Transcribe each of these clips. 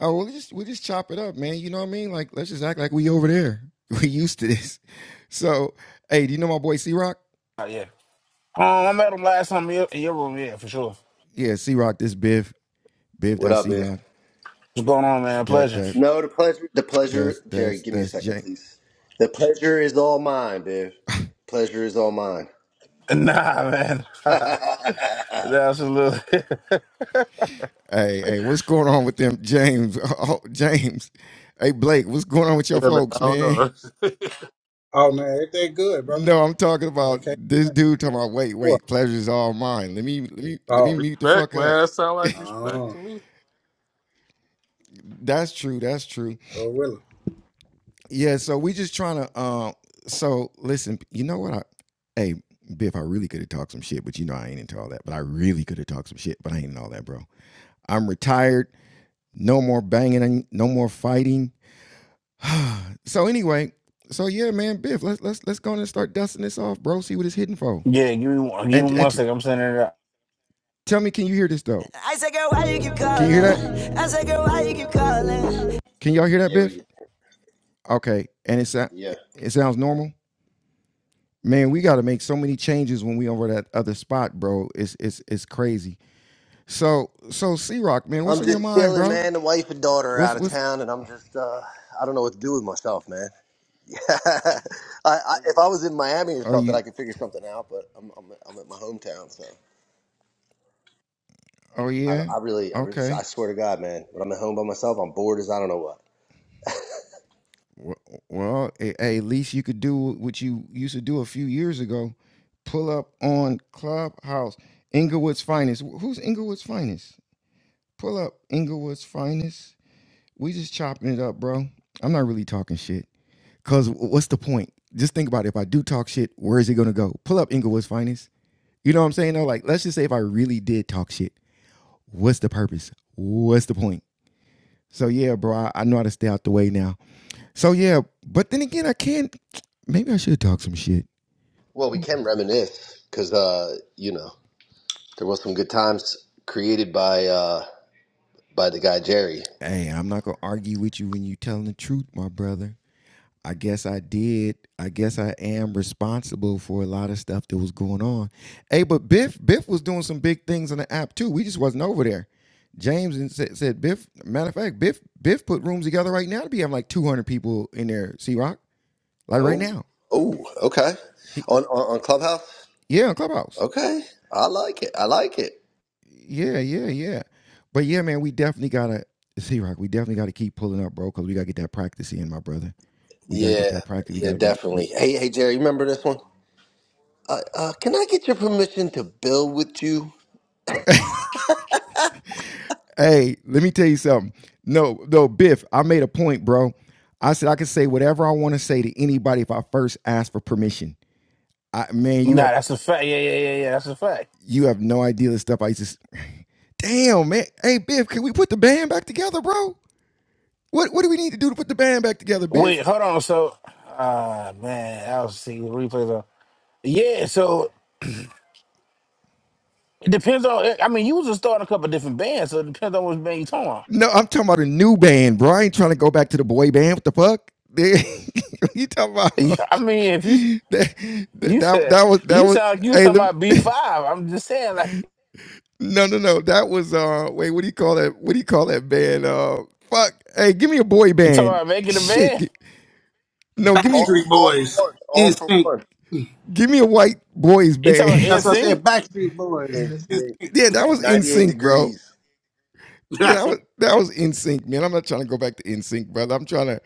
Oh, we'll just we just chop it up, man. You know what I mean? Like, let's just act like we over there. We used to this. So, hey, do you know my boy C Rock? Oh, yeah. Um, I met him last time in your, in your room, yeah, for sure. Yeah, C Rock. This Biv, Biv. What That's up, C bitch? Rock. What's going on, man? That Pleasure. that No, the pleasure, the pleasure, that's Jerry, that's give me a that's second, James. please. The pleasure is all mine, Biv. Pleasure is all mine. Nah, man. yeah, that's a little. Hey, hey, what's going on with them, James? Oh, James. Hey, Blake, what's going on with your Yeah, man, I folks, don't know. man? Oh man, everything good, brother. No, I'm talking about Okay. this dude talking about. Wait, What? wait, pleasure's all mine. Let me let me let me Oh. mute the respect, fuck man. up. That sound like respect Oh. to me. That's true. That's true. Oh really? Yeah, so we just trying to um so listen, you know what I hey Biff, I really could have talked some shit, but you know I ain't into all that. But I really could have talked some shit, but I ain't into all that, bro. I'm retired, no more banging, no more fighting. so anyway, so yeah, man, Biff, let's let's let's go on and start dusting this off, bro. See what it's hitting for. yeah, give me one. Give me And and one t- second. I'm sending it out. tell me, can you hear this though? I said, girl, why you keep calling? Can you hear that? I said, girl, why you keep calling? Can y'all hear that, we Biff? get, Okay. And it's it yeah. it sounds normal? Man, we got to make so many changes when we over that other spot, bro. It's it's it's crazy. So so C Rock, man, what's I'm in your just mind, chilling, bro? man. The wife and daughter are What's out of what's town, and I'm just, uh, I don't know what to do with myself, man. I, I, if I was in Miami or are something, you? I could figure something out, but I'm, I'm, I'm at my hometown, so Oh I, don't, yeah, I really, I, re- I okay. swear to God, man, when I'm at home by myself, I'm bored as I don't know what. Wh- Well, eh, hey, at least you could do what you used to do a few years ago. Pull up on Clubhouse, Inglewood's finest. Wh- Who's Inglewood's finest? Pull up Inglewood's finest. We just chopping it up, bro. I'm not really talking shit. Cause what's the point? Just think about it. If I do talk shit, where is it gonna go? Pull up Inglewood's finest. You know what I'm saying? Though, like, let's just say if I really did talk shit, what's the purpose? What's the point? So yeah, bro, I, I know how to stay out the way now. So yeah, but then again, I can't. Maybe I should talk some shit. Well, we can reminisce, because, uh, you know. There was some good times created by uh by the guy Jerry. Hey, I'm not gonna argue with you when you telling the truth, my brother. I guess I did. I guess I am responsible for a lot of stuff that was going on. Hey, but Biff, Biff was doing some big things on the app too. We just wasn't over there. James and said, said Biff. Matter of fact, Biff, Biff put rooms together right now to be having like two hundred people in there. C Rock, like right Oh, now. oh, okay. He, On on, on Clubhouse. yeah, Clubhouse. Okay, I like it. I like it. Yeah, yeah, yeah. But yeah, man, we definitely gotta C Rock. We definitely gotta keep pulling up, bro, because we gotta get that practice in, my brother. We gotta Yeah, get that practice. We yeah, gotta be definitely. we. Hey, hey, Jerry, you remember this one? Uh, uh, can I get your permission to build with you? Hey, let me tell you something. No, no, Biff, I made a point, bro. I said I could say whatever I want to say to anybody if I first ask for permission. I man, Nah, you have that's a fact. Yeah, yeah, yeah, yeah. That's a fact. you have no idea the stuff I used to s- Damn, man. Hey, Biff, can we put the band back together, bro? What what do we need to do to put the band back together, Wait, Biff? hold on. So, ah, man, I'll see the replays on. Yeah, so it depends on. I mean, you was just starting a couple different bands, so it depends on which band you talking about. No, I'm talking about a new band, bro. I ain't trying to go back to the boy band. What the fuck? what you talking about? Yeah, I mean, if you that, that, you that, said was that you was sound like you was hey talking let me- about B five, I'm just saying like No, no, no. That was uh wait, what do you call that? What do you call that band? Uh fuck. Hey, give me a boy you talking band. about making a Shit. band. gi- no, give me All, Backstreet all for Boys, one. All for Instinct. one. give me a white boys You talking about band. Aunt That's what I sync. said. Backstreet Boys, It's uh, yeah, Instinct. that was in 98 sync, bro. degrees. Yeah, that was that was in sync, man. I'm not trying to go back to in sync, brother. I'm trying to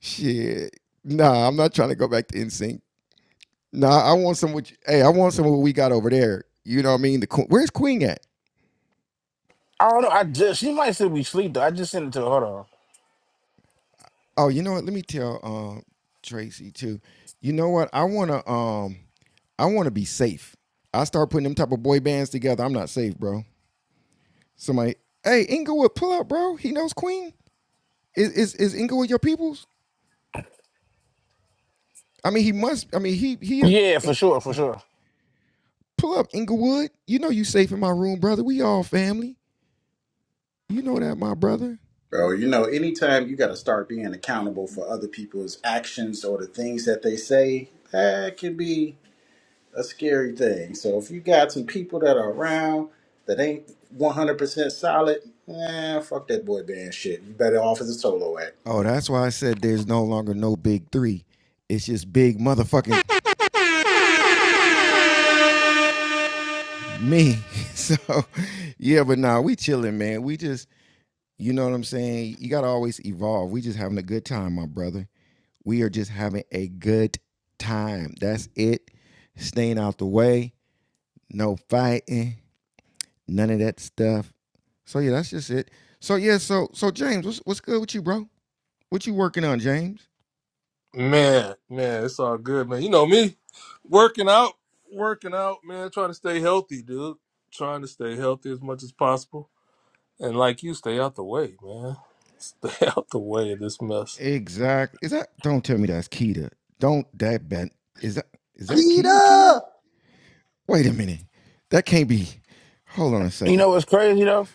shit. Nah, I'm not trying to go back to in sync. Nah, I want some what you- hey, I want some of what we got over there. You know what I mean? The Queen- where's Queen at? I don't know. I just she might still be asleep though. I just sent it to her. Hold on. Oh, you know what? Let me tell um Tracy too. You know what? I wanna um I wanna be safe. I start putting them type of boy bands together. I'm not safe, bro. Somebody, hey, Inglewood, pull up, bro. He knows Queen. Is is is Inglewood your people's? I mean, he must. I mean, he he. uh, Yeah, eh, for sure, for sure. Pull up, Inglewood. You know you safe in my room, brother. We all family. You know that, my brother. Bro, you know, anytime you got to start being accountable for other people's actions or the things that they say, that can be a scary thing. So if you got some people that are around that ain't 100% solid, eh, fuck that boy band shit. You better off as a solo act. Oh, that's why I said there's no longer no big three. It's just big motherfucking me. So yeah, but nah, we chilling, man. We just You know what I'm saying? You got to always evolve. We just having a good time, my brother. We are just having a good time. That's it. Staying out the way, no fighting, none of that stuff. So yeah, that's just it. So yeah, so so James, what's what's good with you, bro? What you working on, James? Man, man, it's all good, man. You know me, working out, working out, man. Trying to stay healthy, dude. Trying to stay healthy as much as possible, and like you, stay out the way, man. Stay out the way of this mess, Exactly. Is that? Don't tell me that's Keita. Don't that bet? Is that is that Keita? Keita? Keita! Wait a minute. That can't be. Hold on a You second. know what's crazy though?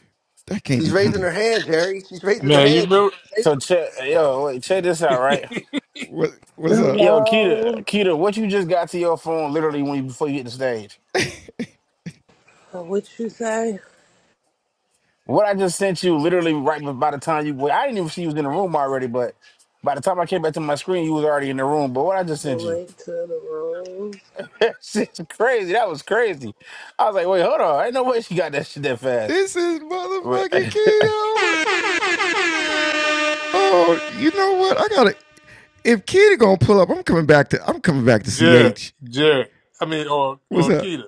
That can't She's be raising Keita. her hand, Jerry. She's raising her man. You hand. remember Save So her. check yo, wait, check this out, right? What what's up? Yo, Keita, Hello. Keita, what you just got to your phone literally when you before you hit the stage? Oh, What you say? What I just sent you literally right by the time you well, I didn't even see you was in the room already, but by the time I came back to my screen, you was already in the room. But what I just The sent you. link to the room. That shit's crazy. That was crazy. I was like, wait, hold on. Ain't no way she got that shit that fast. This is but. motherfucking keto. Oh, you know what? I gotta. If Keto gonna pull up, I'm coming back to. I'm coming back to Jared, CH. Jared? I mean, or What's or up? Keita,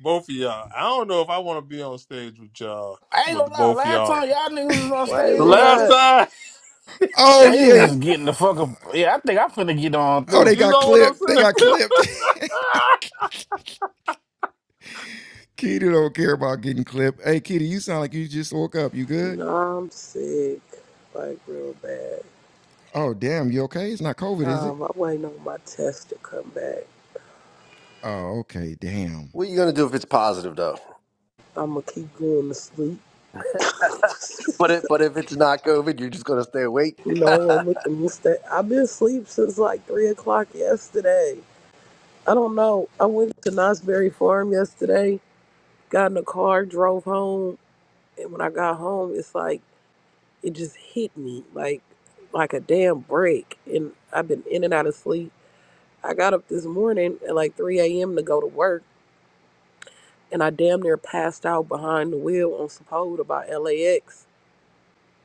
both of y'all. I don't know if I want to be on stage with y'all, I ain't with the gonna lie. both of Last y'all. time y'all niggas was on Wait, The stage last together, what? time. uh, Oh niggas yeah. was getting the fuck up. Yeah, I think I'm finna get on Oh, too. they You got know what I'm clipped. They saying? got clipped. Keto don't care about getting clipped. Hey, Keto, you sound like you just woke up. You good? No, I'm sick. Like real bad. Oh, damn. You okay? It's not COVID, is it? Um, I'm waiting on my test to come back. Oh, okay. Damn. What are you gonna do if it's positive though? I'ma keep going to sleep. But it, but if it's not COVID, you're just gonna stay awake. no, I'm with the mistake. I've been asleep since like three o'clock yesterday. I don't know. I went to Knott's Berry Farm yesterday, got in the car, drove home, and when I got home, it's like it just hit me like like a damn brick. And I've been in and out of sleep. I got up this morning at like 3 a.m. to go to work, and I damn near passed out behind the wheel on Sepulveda by LAX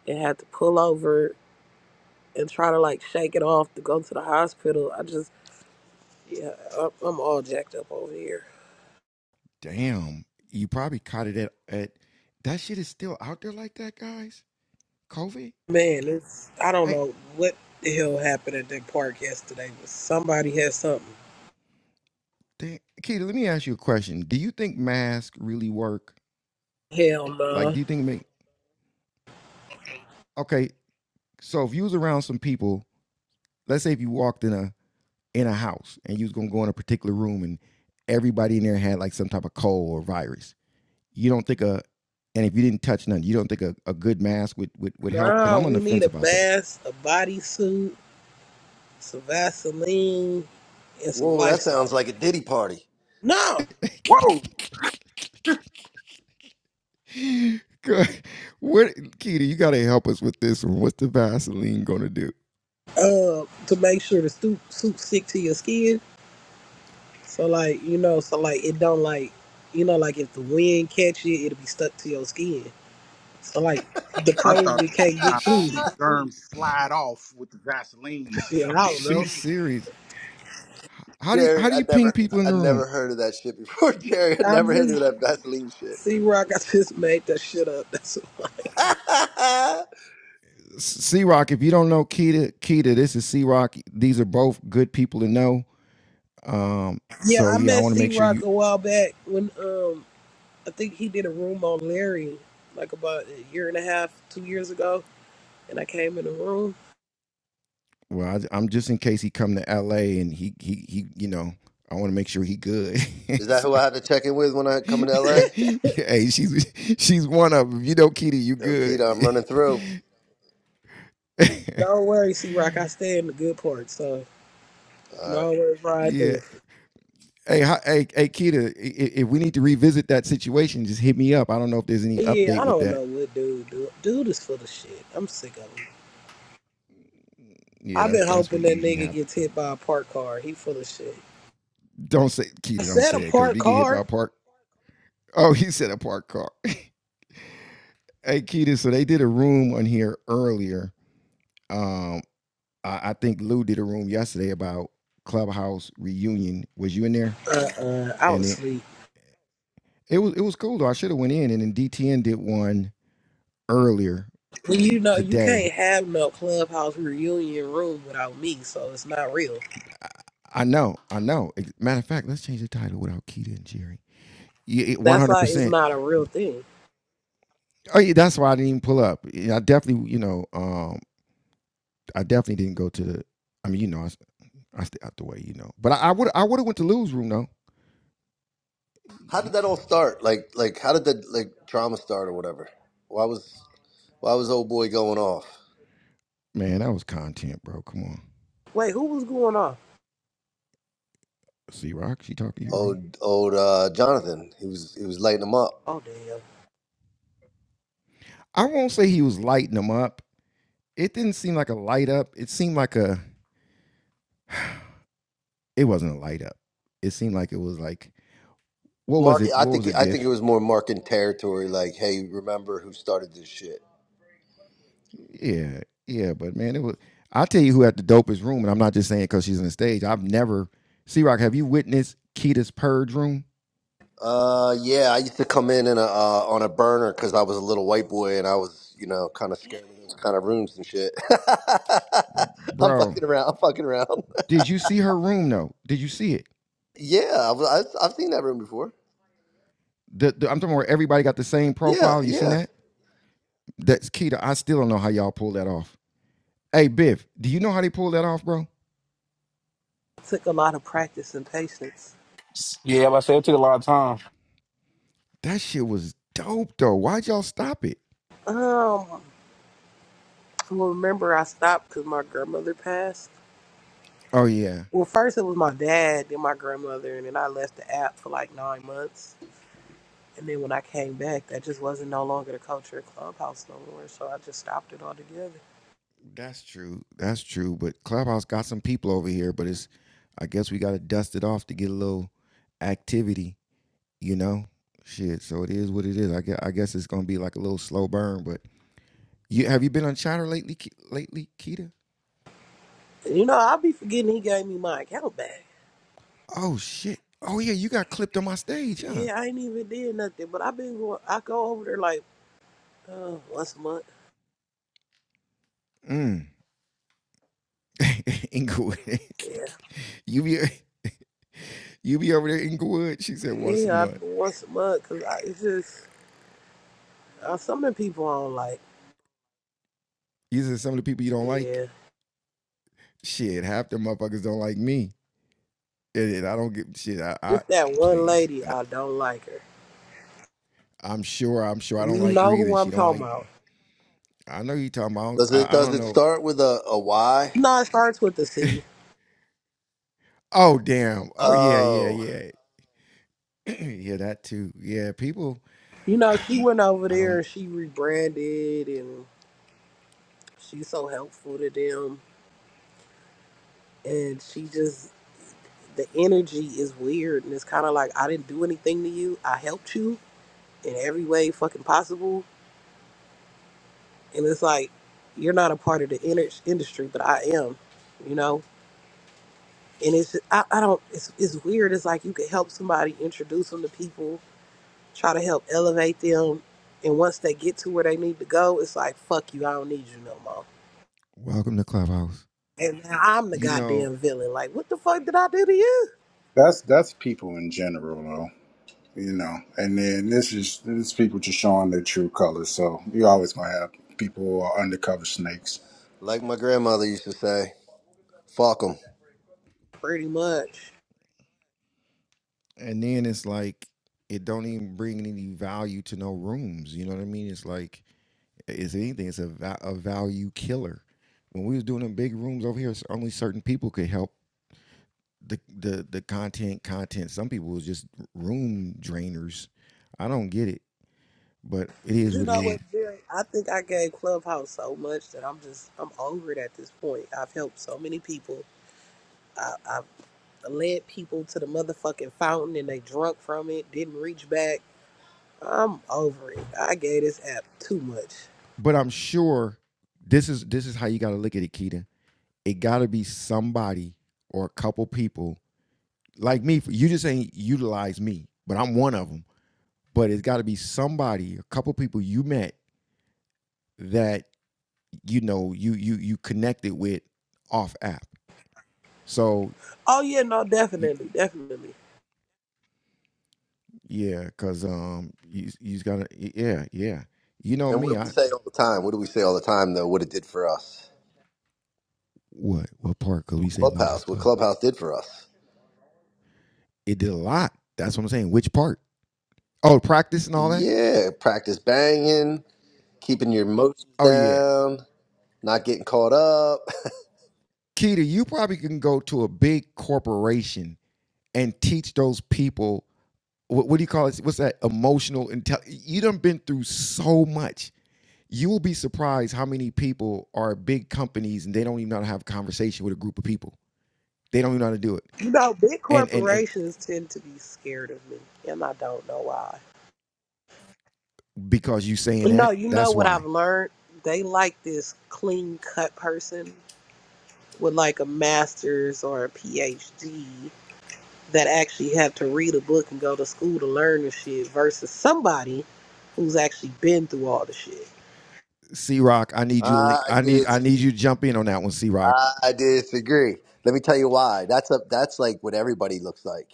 and had to pull over and try to like shake it off to go to the hospital. I just, yeah, I'm I'm all jacked up over here. Damn. You probably caught it at, at that shit is still out there like that, guys. COVID. Man, it's, I don't Hey. know what the hell happened at that park yesterday, but somebody had something. Dang. Keita, let me ask you a question. Do you think masks really work? Hell Like, no. do you think it make okay? So if you was around some people, let's say if you walked in a in a house and you was gonna go in a particular room and everybody in there had like some type of cold or virus, you don't think a and if you didn't touch none, you don't think a, a good mask would would, would help? Because Nah. nah, I'm on we the need fence a about that. mask, a bodysuit, some Vaseline, and some Whoa, that Lysol. sounds like a Diddy party. No, Whoa! Good. What Keita, you gotta help us with this one. What's the Vaseline gonna do? uh, to make sure the soup soup stick to your skin. So like you know, so like it don't like you know like if the wind catch it, it'll be stuck to your skin. So like the I thought. COVID can't get through. She germs slide off with the Vaseline Shit, or some I don't shit. know. she's serious. How do you Jerry, how do I you ping never people in I the room? never heard of that shit before. Jerry, I I never heard of just that Vaseline shit. C Rock, I just made that shit up. That's why. C Rock, if you don't know Keita, Keita, this is C Rock. These are both good people to know. Um, Yeah, so I yeah, I met want to C make sure Rock you. a while back when um I think he did a room on Larry like about a year and a half, two years ago, and I came in the room Well, I, am just in case he come to L.A. and he he he, you know, I want to make sure he good. Is that So, who I have to check in with when I come into yeah, LA? hey, she's she's one of them. You know, Keita, you Okita, good. I'm running through. Don't worry, C Rock. I stay in the good part, so you can All right. always ride yeah. through. Hey, hi, hey, hey, Keita, i- i- if we need to revisit that situation, just hit me up. I don't know if there's any Yeah, update I with don't know that. what dude do. Dude is full of shit. I'm sick of him. Yeah, I've that's been that's hoping what that usually nigga happens. gets hit by a parked car. He full of shit. Don't say I Keita, don't said a say it, because if parked you get hit by car. a park, oh, he said a parked car. hey, Keita, so they did a room on here earlier. Um, I, I think Lou did a room yesterday about Clubhouse reunion. Was you in there? Uh, uh, I was And it asleep. it was it was cool though. I should have went in, and then DTN did one earlier Well, you know, you can't today. have no clubhouse reunion room without me, so it's not real. I know, I know. Ex- Matter of fact, let's change the title without Keita and Jerry. Yeah, one That's hundred like it's percent. not a real thing. Oh, yeah, that's why I didn't even pull up. Yeah, I definitely, you know, um, I definitely didn't go to the. I mean, you know, I, I stay out the way, you know. But I, I would I would have went to Lou's room though. How did that all start? Like like how did the like trauma start or whatever? Why was why was old boy going off? Man, that was content, bro. Come on. Wait, who was going off? c Rock, she talked to you, bro. Old old uh, Jonathan. He was he was lighting him up. Oh damn, I won't say he was lighting them up. It didn't seem like a light up. It seemed like a it wasn't a light up. It seemed like it was like what was Mark it? I What was think it, I think it Biff? was more marking territory like, hey, remember who started this shit. Yeah, yeah, but man, it was I'll tell you who had the dopest room, and I'm not just saying because she's on the stage. I've never C Rock, have you witnessed Keita's purge room? Uh, yeah, I used to come in in a uh, on a burner because I was a little white boy and I was, you know, kind of scared of those kind of rooms and shit. I'm Bro, fucking around. I'm fucking around. did you see her room though? Did you see it? Yeah, I've, I've I've seen that room before. The, the- I'm talking about where everybody got the same Yeah, profile. You seen yeah. that? That's Keita. I still don't know how y'all pull that off. Hey, Biff, do you know how they pulled that off, bro? It took a lot of practice and patience. Yeah, but I said it took a lot of time. That shit was dope, though. Why'd y'all stop it? Um, remember I stopped because my grandmother passed. Oh yeah, Well, first it was my dad, then my grandmother, and then I left the app for like nine months. And then when I came back, that just wasn't no longer the culture of Clubhouse no more. So I just stopped it altogether. that's true. That's true. But Clubhouse got some people over here, but it's I guess we gotta dust it off to get a little activity, you know? Shit. So it is what it is. I guess, I guess it's gonna be like a little slow burn, but you have you been on chatter lately, Ke- lately, Keita? You know, I'll be forgetting he gave me my account back. Oh shit. Oh yeah, you got clipped on my stage, huh? Yeah, I ain't even did nothing, but I've been going. I go over there like uh, once a month. Mm. Inglewood. Yeah, you be you be over there, Inglewood. She said once a yeah, month. I, once a month because it's just uh, some of the people I don't like. You said some of the people you don't like. Yeah, Shit, half the motherfuckers don't like me, and, and I don't get shit. I, I it's that one please. lady I don't like her. I'm sure. I'm sure I don't You like her know who either. She I'm don't talking like. Me. about? I know you talking about. Does it I, I does don't it know. start with a a Y? No, it starts with the C. Oh damn. Oh yeah, yeah, Oh, yeah. yeah, that too. Yeah, people. You know, she went over I there don't. and she rebranded and she's so helpful to them. And she just, the energy is weird. And it's kind of like, I didn't do anything to you. I helped you in every way fucking possible. And it's like, you're not a part of the inner industry, but I am, you know? And it's, I, I don't, it's, it's weird. It's like you could help somebody, introduce them to people, try to help elevate them. And once they get to where they need to go, it's like, fuck you, I don't need you no more Welcome to Clubhouse. And now I'm the You know, goddamn villain. Like, what the fuck did I do to you? That's that's people in general, though. You know, and then this is this is people just showing their true colors. So you always gonna have people who are undercover snakes. like my grandmother used to say, "Fuck 'em." Pretty much. and then it's like it don't even bring any value to no rooms. You know what I mean? It's like Is anything. It's a, va- a value killer. When we was doing them big rooms over here, it's only certain people could help the the the content content. Some people was just room drainers. I don't get it, but it is You what know it is. what, Jerry? I think I gave Clubhouse so much that I'm just, I'm over it at this point. I've helped so many people, led people to the motherfucking fountain and they drunk from it, didn't reach back. I'm over it. I gave this app too much. But I'm sure this is this is how you got to look at it, Keita. It got to be somebody or a couple people like me. You just ain't utilize me, but I'm one of them. But it's got to be somebody, a couple people you met that you know you you you connected with off app so Oh, yeah, no, y- definitely, definitely. yeah because um you you just gotta y- yeah yeah you know And what do me we i say all the time? What do we say all the time though? What it did for us? what what part because we say a lot of Clubhouse. What stuff Clubhouse did for us? it did a lot that's what i'm saying which part oh practice and all that Yeah, practice banging, keeping your emotions oh yeah down. not getting caught up. Keita, you probably can go to a big corporation and teach those people what, what do you call it what's that emotional intel you done been through so much you will be surprised how many people are big companies and they don't even know how to have a conversation with a group of people. They don't even know how to do it. You know, big And and and corporations tend to be scared of me, and I don't know why. because you saying No, that, you know that's what I've why. learned? They like this clean cut person with like a master's or a PhD that actually have to read a book and go to school to learn the shit versus somebody who's actually been through all the shit. C Rock, I need you. to I I need I need disagree. you to jump in on that one, C Rock. I disagree. Let me tell you why. That's a that's like what everybody looks like,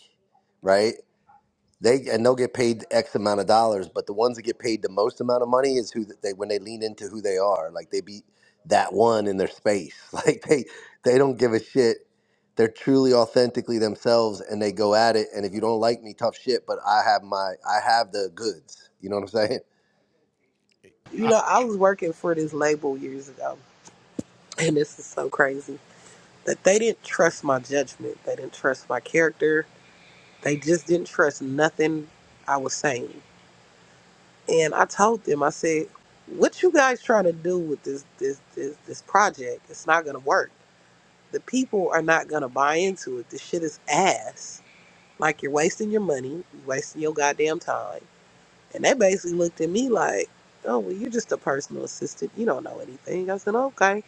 right? They and they'll get paid X amount of dollars, but the ones that get paid the most amount of money is who th- they when they lean into who they are. Like they beat that one in their space. Like they they don't give a shit. They're truly authentically themselves and they go at it. And if you don't like me, tough shit. But I have my I have the goods. You know what I'm saying? You know, I was working for this label years ago, and this is so crazy that they didn't trust my judgment. They didn't trust my character. They just didn't trust nothing I was saying. and I told them, I said, "What you guys trying to do with this this this this project? It's not gonna work. The people are not gonna buy into it. This shit is ass. Like you're wasting your money, you're wasting your goddamn time." And they basically looked at me like, "Oh, well, you're just a personal assistant. You don't know anything." I said, "Okay."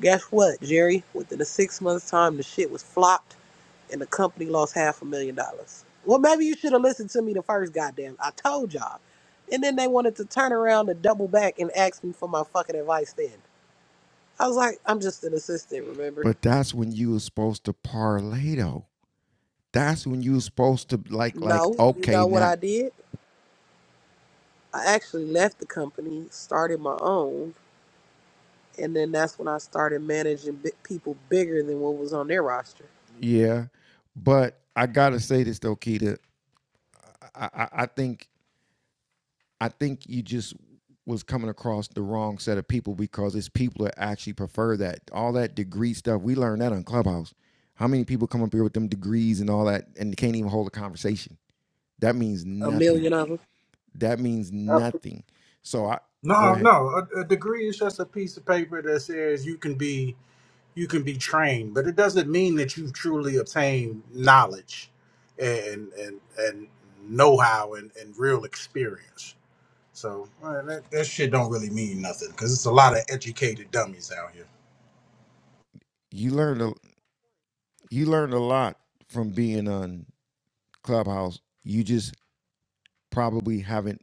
Guess what, Jerry? Within a six months time, the shit was flopped and the company lost half a million dollars. Well, maybe you should have listened to me the first goddamn. I told y'all. And then they wanted to turn around and double back and ask me for my fucking advice then. I was like, I'm just an assistant, remember? But that's when you were supposed to parlay though. That's when you were supposed to like like No, you okay, know what not I did? I actually left the company, started my own, and then that's when I started managing bi- people bigger than what was on their roster. yeah. But I gotta say this though, Keita. I, I, I think I think you just was coming across the wrong set of people because it's people that actually prefer that. All that degree stuff, we learned that on Clubhouse. How many people come up here with them degrees and all that and they can't even hold a conversation? That means A nothing. million of them. That means Absolutely. nothing. So I go No, ahead. no. A, a degree is just a piece of paper that says you can be you can be trained, but it doesn't mean that you've truly obtained knowledge and and and know how and, and real experience. So uh, that, that shit don't really mean nothing because it's a lot of educated dummies out here. You learned a you learned a lot from being on Clubhouse. You just probably haven't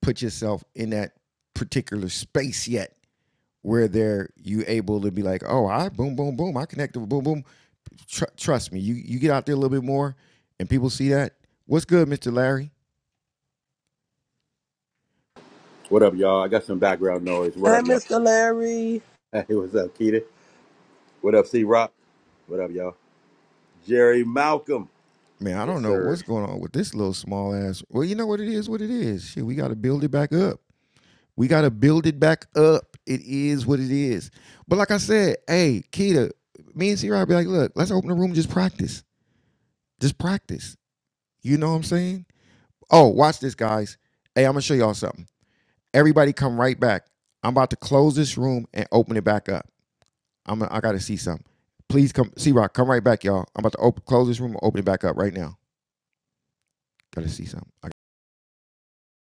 put yourself in that particular space yet where they're you able to be like, oh, I boom, boom, boom, I connected with boom, boom. tr- trust me, you you get out there a little bit more, and people see that. What's good, Mister Larry? What up, y'all? I got some background noise. What Hey, up, y'all? Mr. Larry. Hey, what's up, Keita? What up, C Rock? What up, y'all? Jerry Malcolm. Man, I Yes, don't know sir. what's going on with this little small ass. Well, you know what it is. What it is. Shit, we got to build it back up. We got to build it back up. It is what it is. But like I said, hey, Keita, me and C Rob be like, look, let's open the room. and Just practice. Just practice. You know what I'm saying? Oh, watch this, guys. Hey, I'm gonna show y'all something. Everybody, come right back. I'm about to close this room and open it back up. I'm I gotta see something. Please come, C Rock, come right back, y'all. I'm about to open, close this room and open it back up right now. Gotta see something. I